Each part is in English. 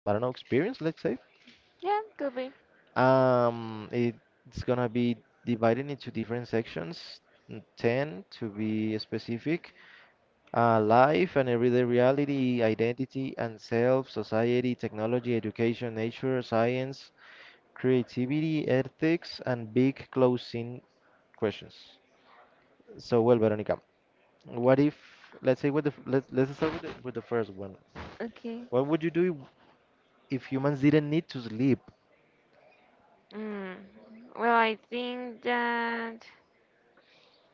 I don't know, experience, let's say. Yeah, could be. It's gonna be divided into different sections, ten to be specific. Life and everyday reality, identity and self, society, technology, education, nature, science, creativity, ethics, and big closing questions. So, well, Veronica, what if, let's say, let's start with the first one. Okay. What would you do if humans didn't need to sleep? Mm. Well, I think that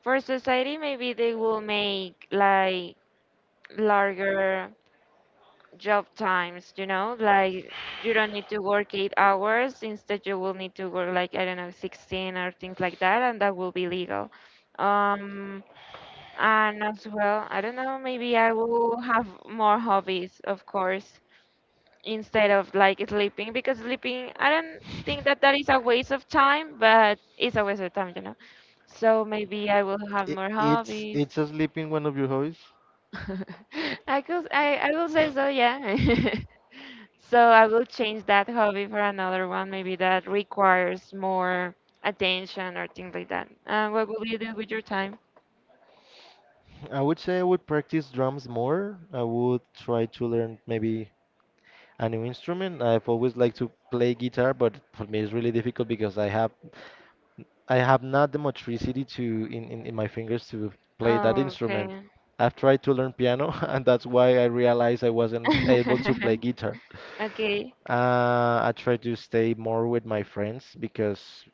for society, maybe they will make like larger job times, you know, like you don't need to work 8 hours. Instead, you will need to work like, I don't know, 16 or things like that, and that will be legal. Um, and as well, I don't know, maybe I will have more hobbies, of course. Instead of like sleeping, because sleeping I don't think that that is a waste of time, but it's a waste of time. So maybe I will have I more hobbies. it's a sleeping one of your hobbies? I could, I will say so, yeah. So I will change that hobby for another one, maybe that requires more attention or things like that. What will you do with your time? I would say I would practice drums more. I would try to learn maybe a new instrument. I've always liked to play guitar, but for me it's really difficult because I have not the motricity to in my fingers to play that Oh, instrument. okay. I've tried to learn piano, and that's why I realized I wasn't able to play guitar. Okay. I try to stay more with my friends because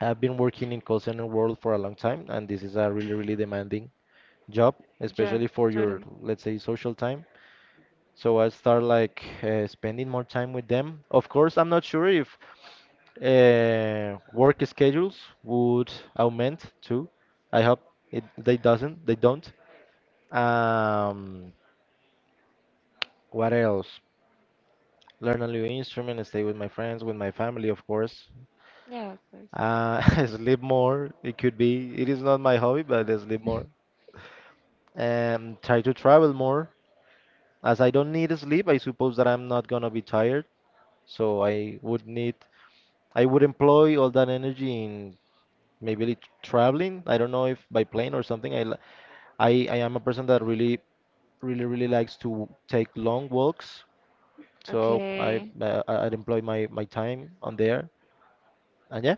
I've been working in call center world for a long time, and this is a really, really demanding job, Job. especially for your, Jordan. let's say, social time. So I start like spending more time with them. Of course, I'm not sure if work schedules would augment too. I hope it they doesn't. They don't. Um, what else? Learn a new instrument, stay with my friends, with my family, of course. Yeah, of course. Uh, sleep more. It could be. It is not my hobby, but I sleep more. Try to travel more. As I don't need sleep, I suppose that I'm not gonna be tired. So I would employ all that energy in maybe traveling. I don't know if by plane or something. I am a person that really really likes to take long walks. So Okay. I'd employ my time on there. And yeah,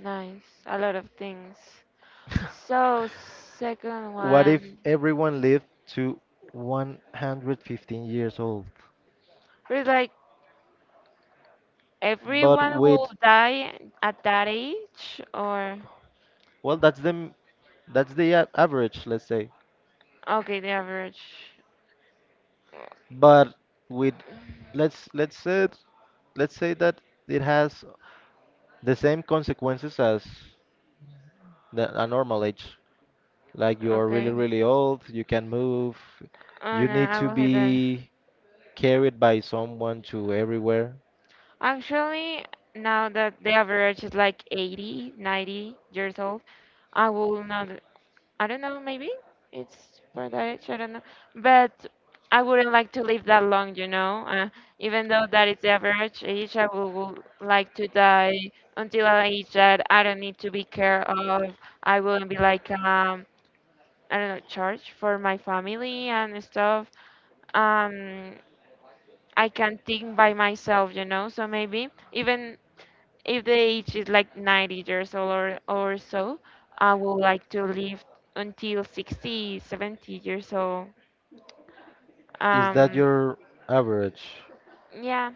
Nice. A lot of things. So, second what if one. everyone lived to 115 years old? But like, But everyone will with die at that age, or— Well, that's the average, let's say. Okay, the average. But with let's let's say let's say that it has the same consequences as a normal age. Like you're really, Okay. really old, you can move, Oh you no, need I to will hate that. be carried by someone to everywhere. Actually, now that the average is like 80, 90 years old, I will not I don't know, maybe it's for that age, I don't know. But I wouldn't like to live that long, you know. Even though that is the average age, I would like to die until an age that I don't need to be care of. I wouldn't be like I don't know, charged for my family and stuff. Um, I can think by myself, you know. So maybe even if the age is like 90 years old, or so, I would like to live until 60, 70 years old. Is that Um, your average? yeah,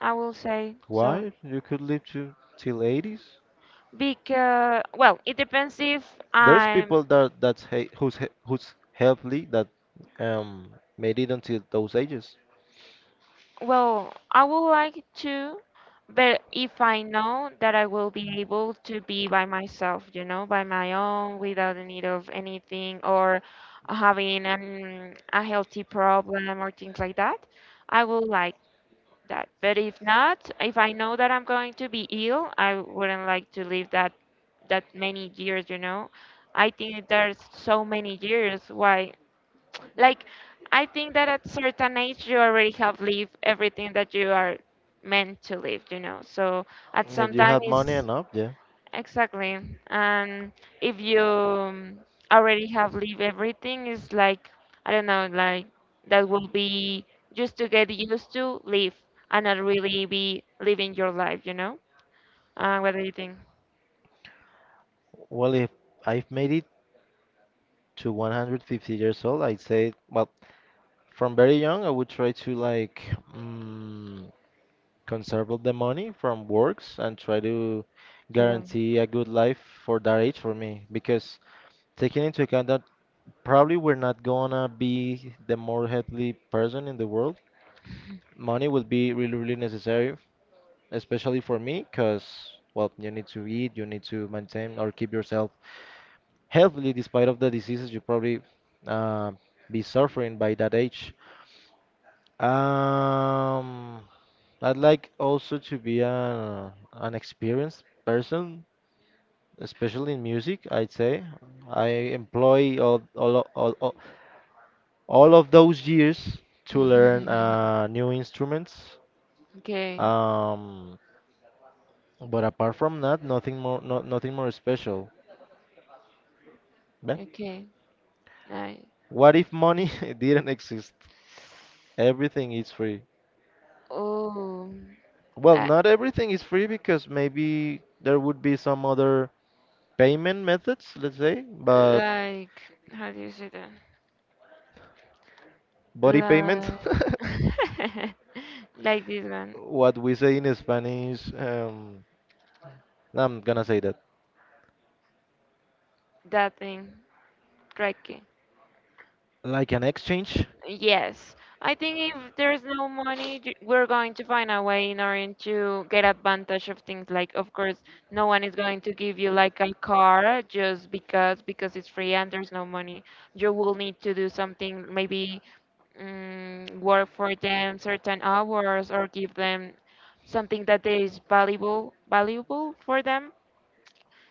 I will say so. Why? You could live to till 80s? Because, well, it depends if There's I'm, people that that's he, who's healthy that um made it until those ages. well, I would like to, but if I know that I will be able to be by myself, you know, by my own, without the need of anything or having a healthy problem or things like that. I would like that. But if not, if I know that I'm going to be ill, I wouldn't like to live that many years, you know. I think there's so many years why, like, I think that at certain age you already have lived everything that you are meant to live, you know. So at If some you time have money it's— enough, yeah. Exactly. And if you already have leave everything, it's like, I don't know, like that will be just to get used to live and not really be living your life, you know? What do you think, Well, if I've made it to 150 years old, I'd say, well, from very young, I would try to like mm, conserve all the money from works and try to Jerome? guarantee a good life for that age for me. Because taking into account that probably we're not gonna be the more healthy person in the world, money will be really, really necessary, especially for me, because well, you need to eat, you need to maintain or keep yourself healthy despite of the diseases you probably uh, be suffering by that age. Um, I'd like also to be an experienced person, especially in music, I'd say. I employ all, o- all, all of those years to learn new instruments. Okay, Um, but apart from that, nothing more, no, nothing more special. Meh. okay, nice. What if money didn't exist? Everything is free. Oh, Well, I, not everything is free because maybe there would be some other payment methods, let's say, but like, how do you say that? body payment. Like, like this one, What we say in Spanish. No, I'm gonna say that that thing, tricky. like an exchange. Yes, I think if there's no money, we're going to find a way in order to get advantage of things. Like, of course, no one is going to give you like a car just because it's free and there's no money. You will need to do something, maybe work for them certain hours, or give them something that is valuable for them.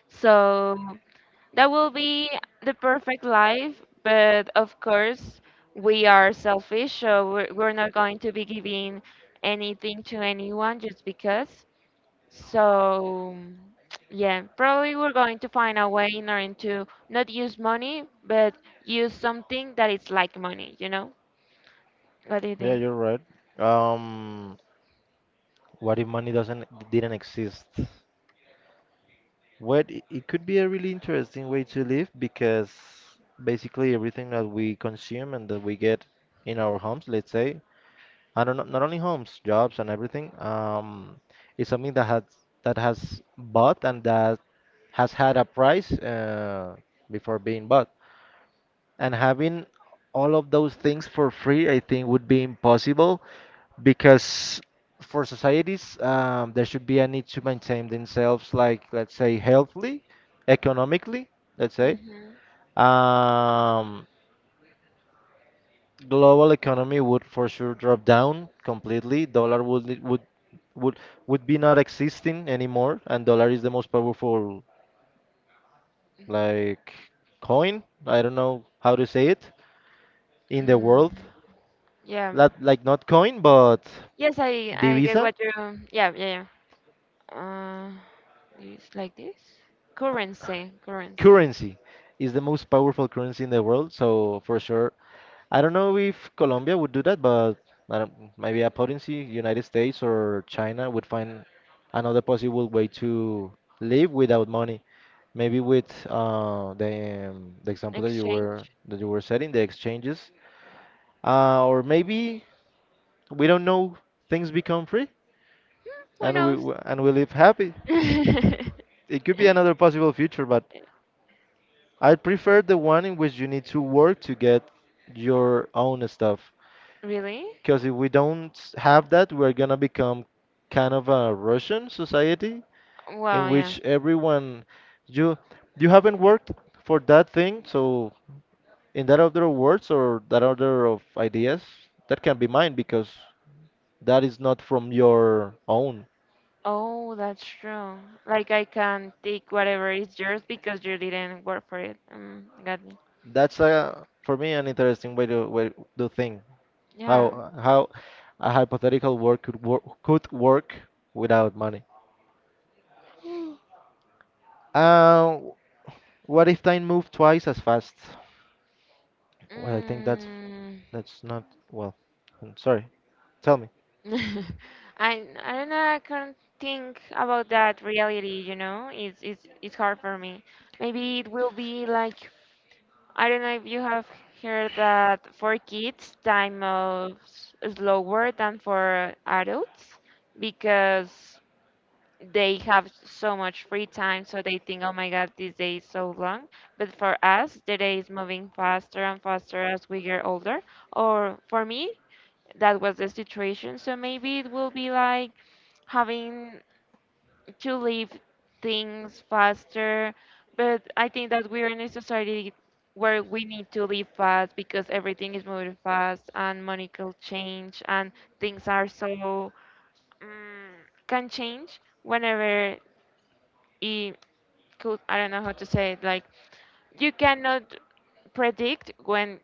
So that will be the perfect life, but of course, we are selfish, so we're not going to be giving anything to anyone just because. So, yeah, probably we're going to find a way in order to not use money, but use something that is like money, you know? What do you Yeah, think? you're right. Um, what if money doesn't didn't exist? What It could be a really interesting way to live because basically everything that we consume and that we get in our homes, let's say, and not only homes, jobs and everything, is something that has bought and that has had a price before being bought, and having all of those things for free I think would be impossible because for societies, there should be a need to maintain themselves like, let's say, healthily, economically, let's say. Hmm. um, Global economy would for sure drop down completely. Dollar would would would be not existing anymore, and dollar is the most powerful, like, coin, I don't know how to say it, in the world. Mm, yeah. Not coin, but Yes, I the I get Visa, what you. Yeah, yeah, yeah. It's like this? Currency, currency. currency is the most powerful currency in the world. So for sure, I don't know if Colombia would do that, but I don't- maybe a potency, United States or China would find another possible way to live without money. Maybe with the example Exchange? that you were setting, the exchanges, or maybe we don't know, things become free, Hmm, who and knows? We live happy. It could be another possible future, but I prefer the one in which you need to work to get your own stuff. Really? Because if we don't have that, we're gonna become kind of a Russian society in Well, yeah. which everyone, you you haven't worked for that thing, so in that order of words or that order of ideas, that can be mine because that is not from your own. Oh, that's true. Like, I can take whatever is yours because you didn't work for it. Got me. That's, a for me, an interesting way to way to think. Yeah. How a hypothetical world could work without money? Uh, what if time moved twice as fast? Well, I think Mm. that's not well. I'm sorry. Tell me. I I don't know. I can't think about that reality. You know, it's hard for me. Maybe it will be like, I don't know if you have heard that for kids, time moves slower than for adults, because they have so much free time, so they think, oh my God, this day is so long. But for us, the day is moving faster and faster as we get older. Or for me, that was the situation. So maybe it will be like having to leave things faster, but I think that we are in a society where we need to live fast, because everything is moving fast and money can change, and things are so, um, can change whenever it could. I don't know how to say it, like, you cannot predict when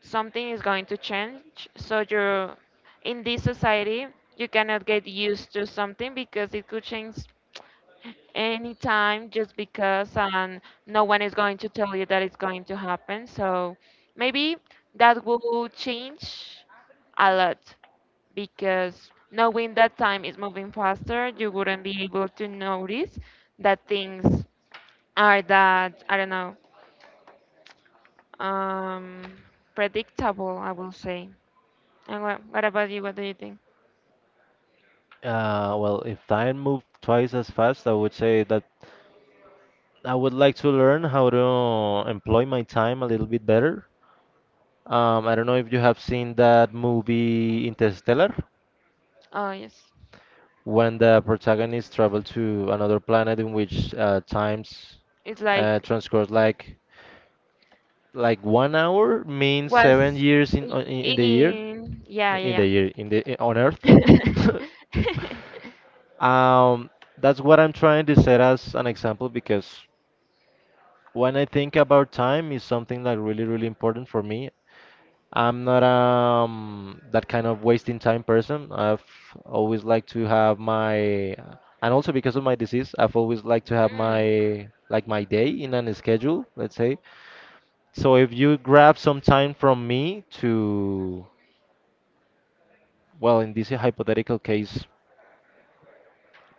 something is going to change. So you're in this society, you cannot get used to something because it could change anytime, just because, no one is going to tell you that it's going to happen. So maybe that will change a lot, because knowing that time is moving faster, you wouldn't be able to notice that things are that, I don't know, um, predictable, I will say. And what about you? What do you think? If time moved twice as fast, I would say that I would like to learn how to employ my time a little bit better. I don't know if you have seen that movie Interstellar, Oh, yes. when the protagonists travel to another planet in which times It's like, transcourse like 1 hour means seven was, years in on- in, in the year in, yeah, yeah, in yeah. the year, on Earth. um, that's what I'm trying to set as an example, because when I think about time, is something that really really important for me. I'm not that kind of wasting time person. I've always liked to have my And also because of my disease, I've always liked to have Mm, my day in a schedule, let's say. So if you grab some time from me to, well, in this hypothetical case,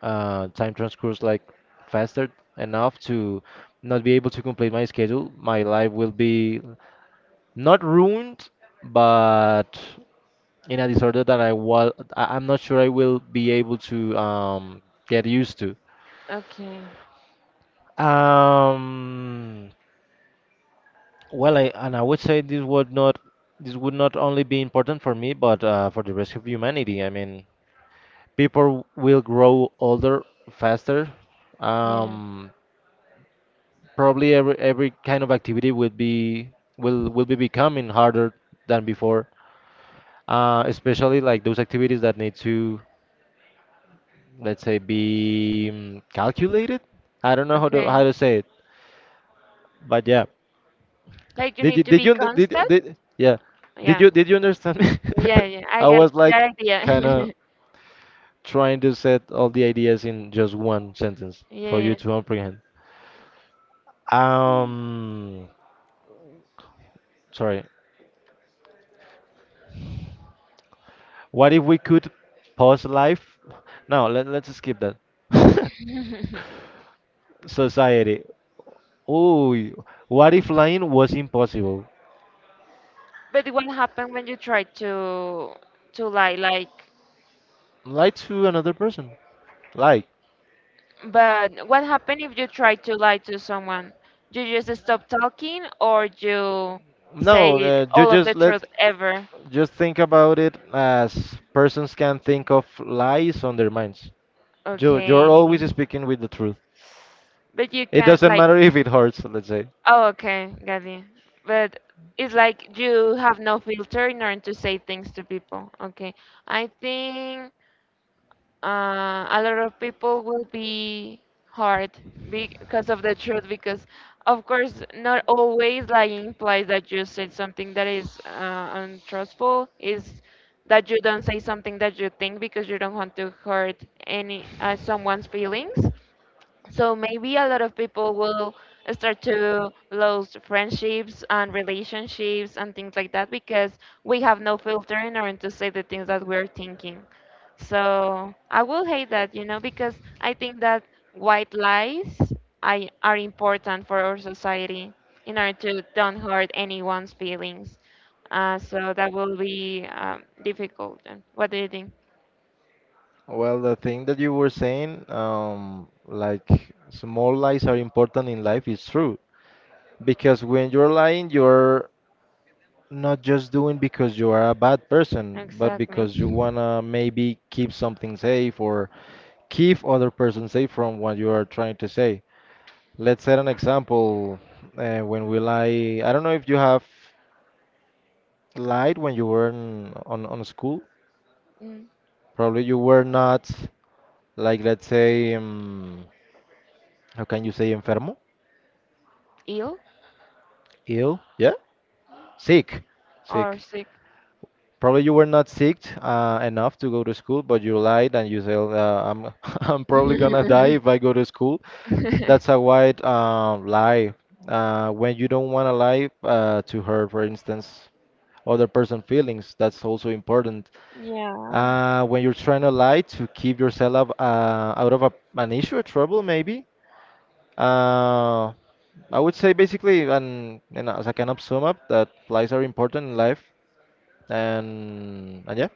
time transcurs like faster enough to not be able to complete my schedule, my life will be not ruined, but in a disorder that am not sure I will be able to get used to. okay. Um, I would say this would not, this would not only be important for me, but for the rest of humanity. I mean, people will grow older faster. Yeah. Um, Probably every kind of activity would be will be becoming harder than before. Especially like those activities that need to, let's say, be calculated. I don't know how Okay. to say it, but yeah. Like you Did you need to did be you under- did constant. did yeah? Did Yeah. you did you understand me? Yeah. Yeah. I I get was that like idea. kind of trying to set all the ideas in just one sentence for you Yeah. to comprehend. Um, sorry. What if we could pause life? No, let's skip that. Yeah. Society. Oh, what if lying was impossible? But what happened when you try to lie? Like, Lie to another person. Lie. but what happened if you try to lie to someone? You just stop talking, or you say No, you all of the just let truth ever? just think about it as persons can think of lies on their minds. You're always Okay. speaking with the truth. But you It can doesn't like— matter if it hurts, let's say. Oh, okay, got you. But it's like you have no filter in order to say things to people. Okay, I think a lot of people will be hard because of the truth. Because of course, not always lying implies that you said something that is untruthful. Is that you don't say something that you think because you don't want to hurt any someone's feelings. So maybe a lot of people will start to lose friendships and relationships and things like that, because we have no filter in order to say the things that we're thinking. So I will hate that, you know, because I think that white lies are important for our society in order to don't hurt anyone's feelings. So that will be difficult. And what do you think? Well, the thing that you were saying, like small lies are important in life, is true. Because when you're lying, you're not just doing because you are a bad person, but Exactly. because you wanna maybe keep something safe or keep other person safe from what you are trying to say. Let's set an example when we lie. I don't know if you have lied when you were on school. Mm. Probably you were not like, let's say, how can you say enfermo? Ill Ill? Yeah, sick, or sick. sick? Probably you were not sick enough to go to school, but you lied and you said I'm I'm probably gonna die if I go to school. That's a white lie. When you don't want to lie to hurt, for instance, other person' feelings, that's also important. Yeah, When you're trying to lie to keep yourself out of an issue or trouble, maybe. Uh, I would say basically, and as I kind of sum up, that lies are important in life. And yeah.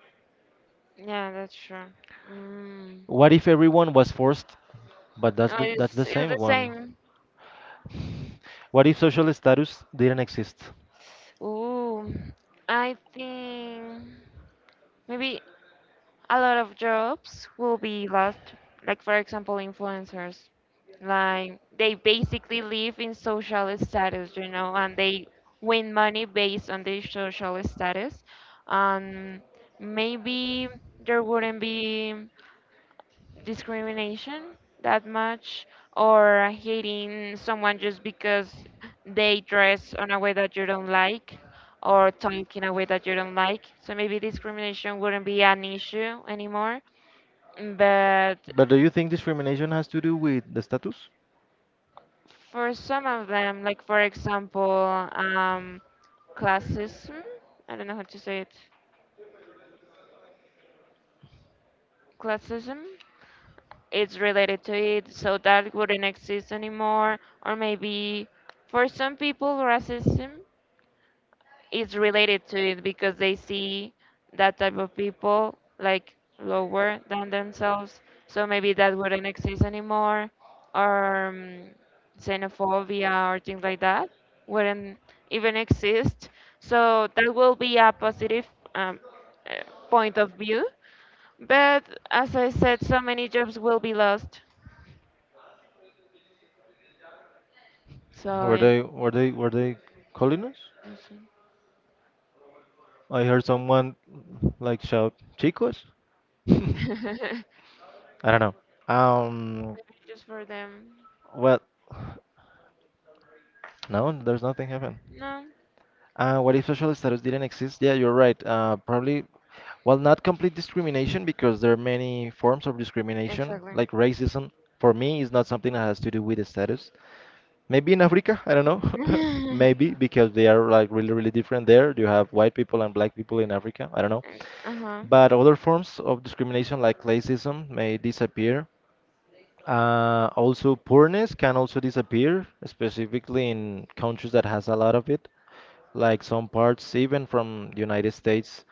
yeah, that's true. Mm. What if everyone was forced? But that's Oh, that's the it's same the one. same. What if social status didn't exist? Ooh, I think maybe a lot of jobs will be lost. Like, for example, influencers. Like, they basically live in social status, you know, and they win money based on their social status. Um, Maybe there wouldn't be discrimination that much, or hating someone just because they dress on a way that you don't like, or talk in a way that you don't like. So maybe discrimination wouldn't be an issue anymore. But But do you think discrimination has to do with the status? for some of them, like, for example, um, classism, I don't know how to say it, classism, it's related to it, so that wouldn't exist anymore. Or maybe for some people, racism is related to it, because they see that type of people like lower than themselves. So maybe that wouldn't exist anymore, or xenophobia or things like that wouldn't even exist. So that will be a positive, um, uh, point of view. But as I said, so many jobs will be lost. So Were yeah, they were they were they calling us? also. I heard someone like shout, "Chicos." I Maybe don't know. Um. just for them. Well, no, there's nothing happened. No, What if social status didn't exist? Yeah, you're right. Probably. Well, not complete discrimination because there are many forms of discrimination, like exactly. racism. For me, is not something that has to do with the status. Maybe in Africa, I don't know. Maybe because they are like really, really different there. You have white people and black people in Africa. I don't know. Uh-huh. But other forms of discrimination like classism may disappear. Also, poorness can also disappear, specifically in countries that has a lot of it. Like some parts, even from United States,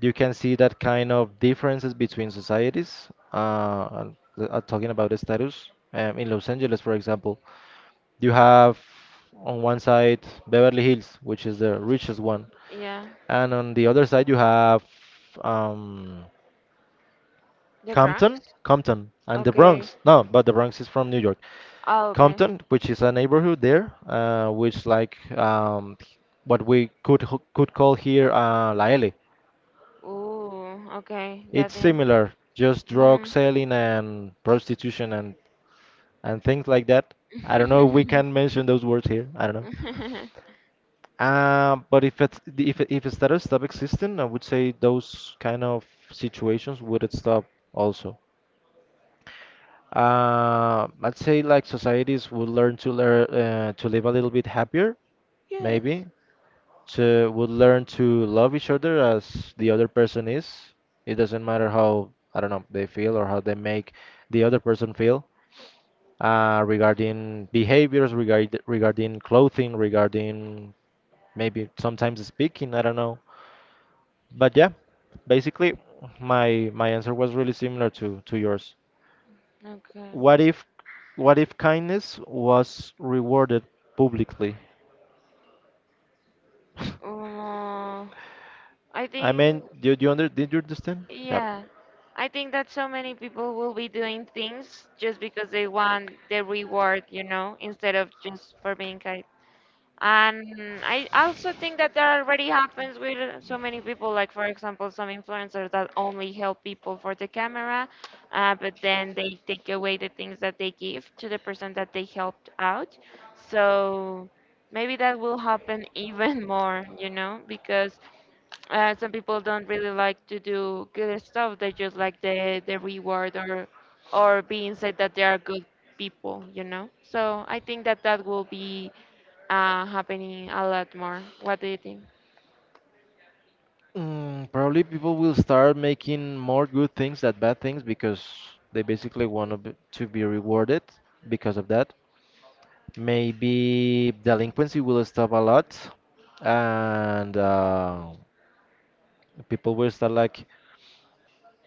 you can see that kind of differences between societies. Talking about the status, in Los Angeles, for example. You have on one side Beverly Hills, which is the richest one, Yeah. and on the other side you have um, The Compton, Bronx? Compton, and the Okay. Bronx. No, but the Bronx is from New York. Oh, okay. Compton, which is a neighborhood there, which like what we could call here La L. Ooh, okay. It's Got you. similar, just drug Mm-hmm. selling and prostitution and things like that. I don't know if we can mention those words here. I don't know. But if it started stop existing, I would say those kind of situations would stop also. I'd say like societies would learn to live a little bit happier, Yes. maybe. To would learn to love each other as the other person is. It doesn't matter how I don't know they feel or how they make the other person feel. Regarding behaviors, regarding clothing, regarding maybe sometimes speaking, I don't know. But yeah, basically my answer was really similar to yours. Okay. What if what if kindness was rewarded publicly? Uh, I I think, mean, do, you under did you understand? Yeah. yeah. I think that so many people will be doing things just because they want the reward, you know, instead of just for being. And I also think that that already happens with so many people, like, for example, some influencers that only help people for the camera, but then they take away the things that they give to the person that they helped out. So maybe that will happen even more, you know, because some people don't really like to do good stuff. They just like the reward, or being said that they are good people, you know. So I think that that will be happening a lot more. What do you think? Mm, probably people will start making more good things than bad things because they basically want to be rewarded because of that. Maybe delinquency will stop a lot, and people will start like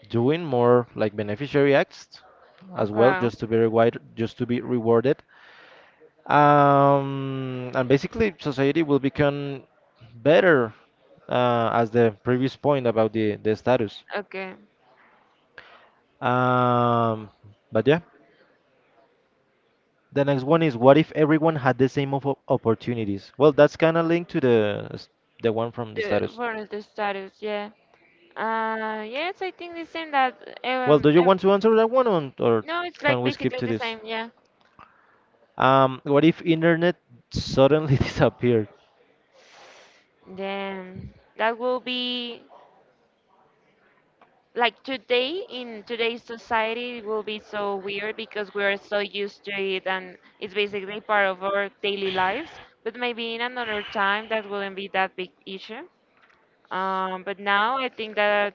doing more like beneficiary acts as well Okay, just to be rewarded and basically society will become better as the previous point about the status okay. um, but yeah, the next one is what if everyone had the same opportunities. Well, that's kind of linked to the one from the status. For the status, yeah. Yes, I think the same that Well, um, do you ev- want to answer that one or no, it's can like we skip basically to the this, same, yeah. What if internet suddenly disappeared? Then that will be like today, in today's society it will be so weird, because we are so used to it and it's basically part of our daily lives. But maybe in another time that wouldn't be that big issue. But now I think that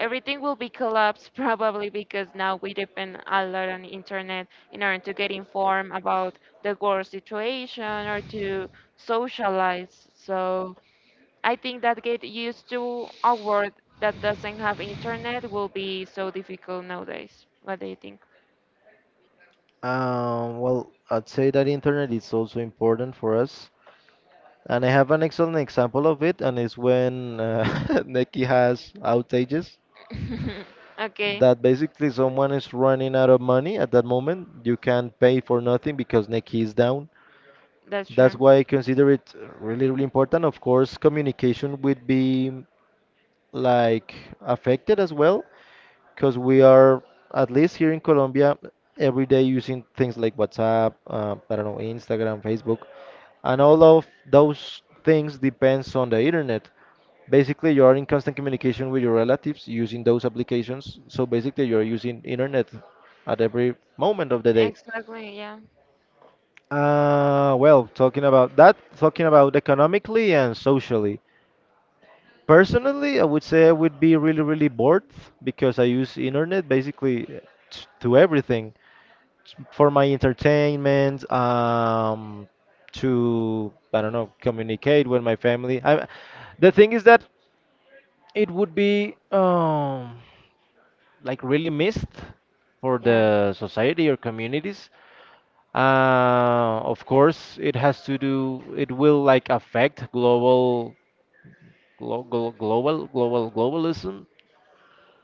everything will be collapsed probably, because now we depend a lot on internet in order to get informed about the world situation, or to socialize. So I think that get used to a world that doesn't have internet will be so difficult nowadays. What do you think? Well, I'd say that internet is also important for us, and I have an excellent example of it, and it's when Neki has outages. Okay. That basically someone is running out of money at that moment. You can't pay for nothing because Neki is down. That's That's true. why I consider it really, really important. Of course, communication would be like affected as well, because we are, at least here in Colombia, every day using things like WhatsApp, I don't know, Instagram, Facebook, and all of those things depends on the internet. Basically, you are in constant communication with your relatives using those applications, so basically you're using internet at every moment of the day. Exactly, yeah. Well, talking about that, talking about economically and socially, personally I would say I would be really, really bored because I use internet basically to everything, for my entertainment, to I don't know, communicate with my family. I, the thing is that it would be like really missed for Yeah. the society or communities. Of course, it has to do. It will like affect global, globalism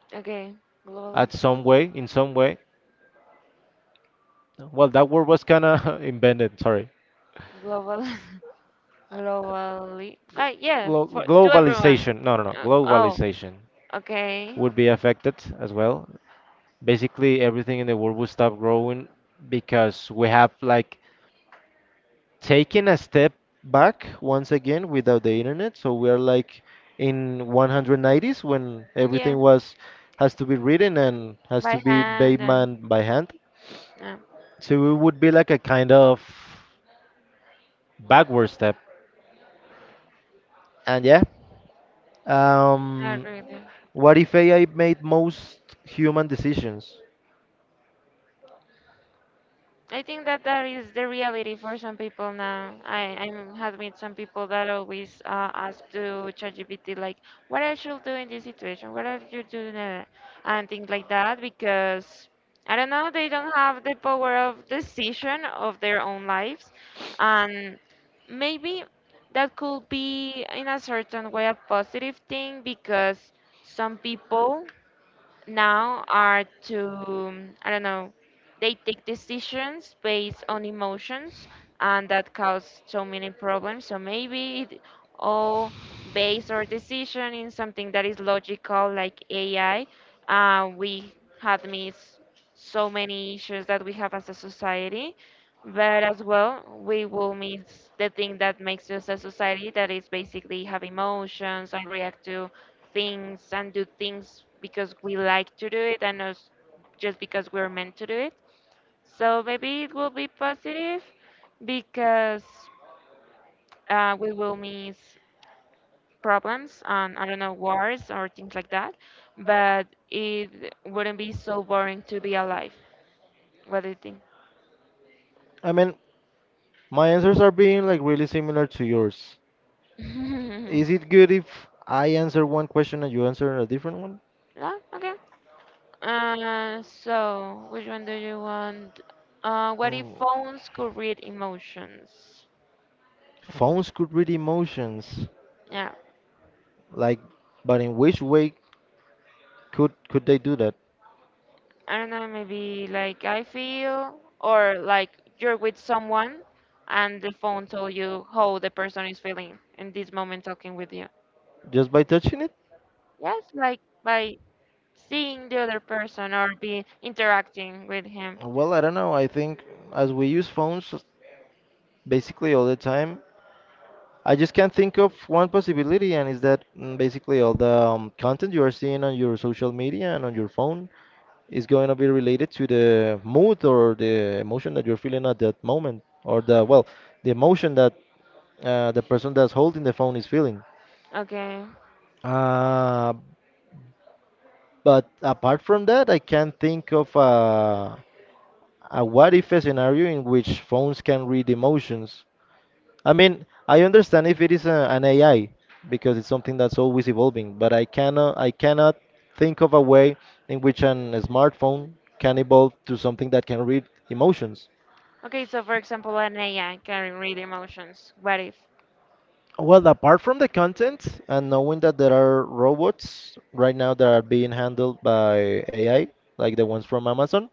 Okay. Global. at some way, in some way. Well, that word was kind of invented. Sorry, Global. Globally, like, yeah, for to everyone. globalization. No, no, no, Oh. globalization Okay. would be affected as well. Basically, everything in the world would stop growing because we have like taken a step back once again without the internet. So we are like in 190s when Yeah, everything was has to be written and has to by be hand, made and man by hand. no, So it would be like a kind of backward step. And yeah, I um, agree. what if AI made most human decisions? I think that that is the reality for some people now. I have met some people that always ask to ChatGPT like, what I should do in this situation? What are you doing?" that? And things like that, because I don't know, they don't have the power of decision of their own lives, and maybe that could be in a certain way a positive thing, because some people now are to, I don't know, they take decisions based on emotions, and that causes so many problems. So maybe it all base our decision in something that is logical, like AI. We have missed so many issues that we have as a society, but as well, we will miss the thing that makes us a society, that is basically have emotions and react to things and do things because we like to do it, and not just because we're meant to do it. So maybe it will be positive because, we will miss problems and I don't know, wars or things like that, but it wouldn't be so boring to be alive. What do you think? I mean, my answers are being like really similar to yours. Is it good if I answer one question and you answer a different one? Yeah. Okay. So which one do you want? What if Mm. phones could read emotions? Phones could read emotions, Yeah. like, but in which way could they do that? I don't know, maybe like I feel, or like, you're with someone and the phone told you how the person is feeling in this moment talking with you. Just by touching it? Yes, like by seeing the other person or be interacting with him. Well, I don't know. I think as we use phones basically all the time, I just can't think of one possibility, and is that mm, basically all the content you are seeing on your social media and on your phone is going to be related to the mood or the emotion that you're feeling at that moment, or the, well, the emotion that the person that's holding the phone is feeling. Okay. Uh, but apart from that, I can't think of a what if a scenario in which phones can read emotions. I mean, I understand if it is an AI because it's something that's always evolving, but I cannot think of a way in which a smartphone can evolve to something that can read emotions. Okay, so for example, an AI can read emotions. What if? Well, apart from the content and knowing that there are robots right now that are being handled by AI, like the ones from Amazon,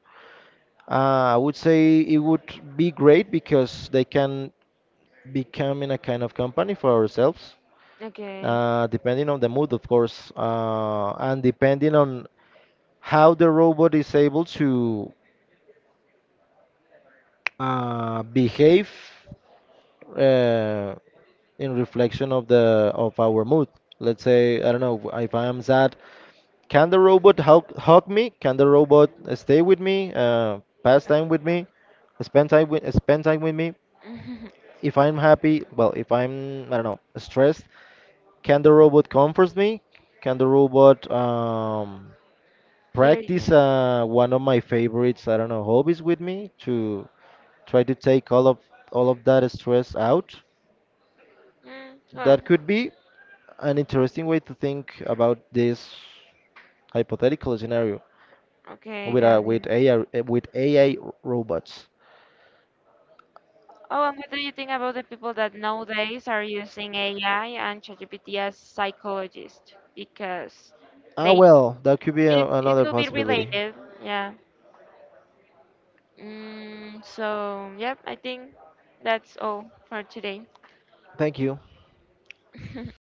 I would say it would be great because they can become in a kind of company for ourselves, Okay. Depending on the mood, of course, and depending on how the robot is able to behave uh, in reflection of the of our mood. Let's say, I don't know, if I am sad. Can the robot hug me? Can the robot stay with me? Pass time with me? Spend time with me? If I'm happy, well, if I'm I don't know stressed, can the robot comfort me? Can the robot Here, yeah. practice one of my favorites? I don't know, hobbies with me to try to take all of that stress out. Mm, well, That could be an interesting way to think about this hypothetical scenario. okay, With got uh, it. with AI with AI robots. Oh, and what do you think about the people that nowadays are using AI and ChatGPT as psychologists? Because Ah, they well, that could be it it another could be possibility. related, yeah. Mm, so yep, I think that's all for today. Thank you.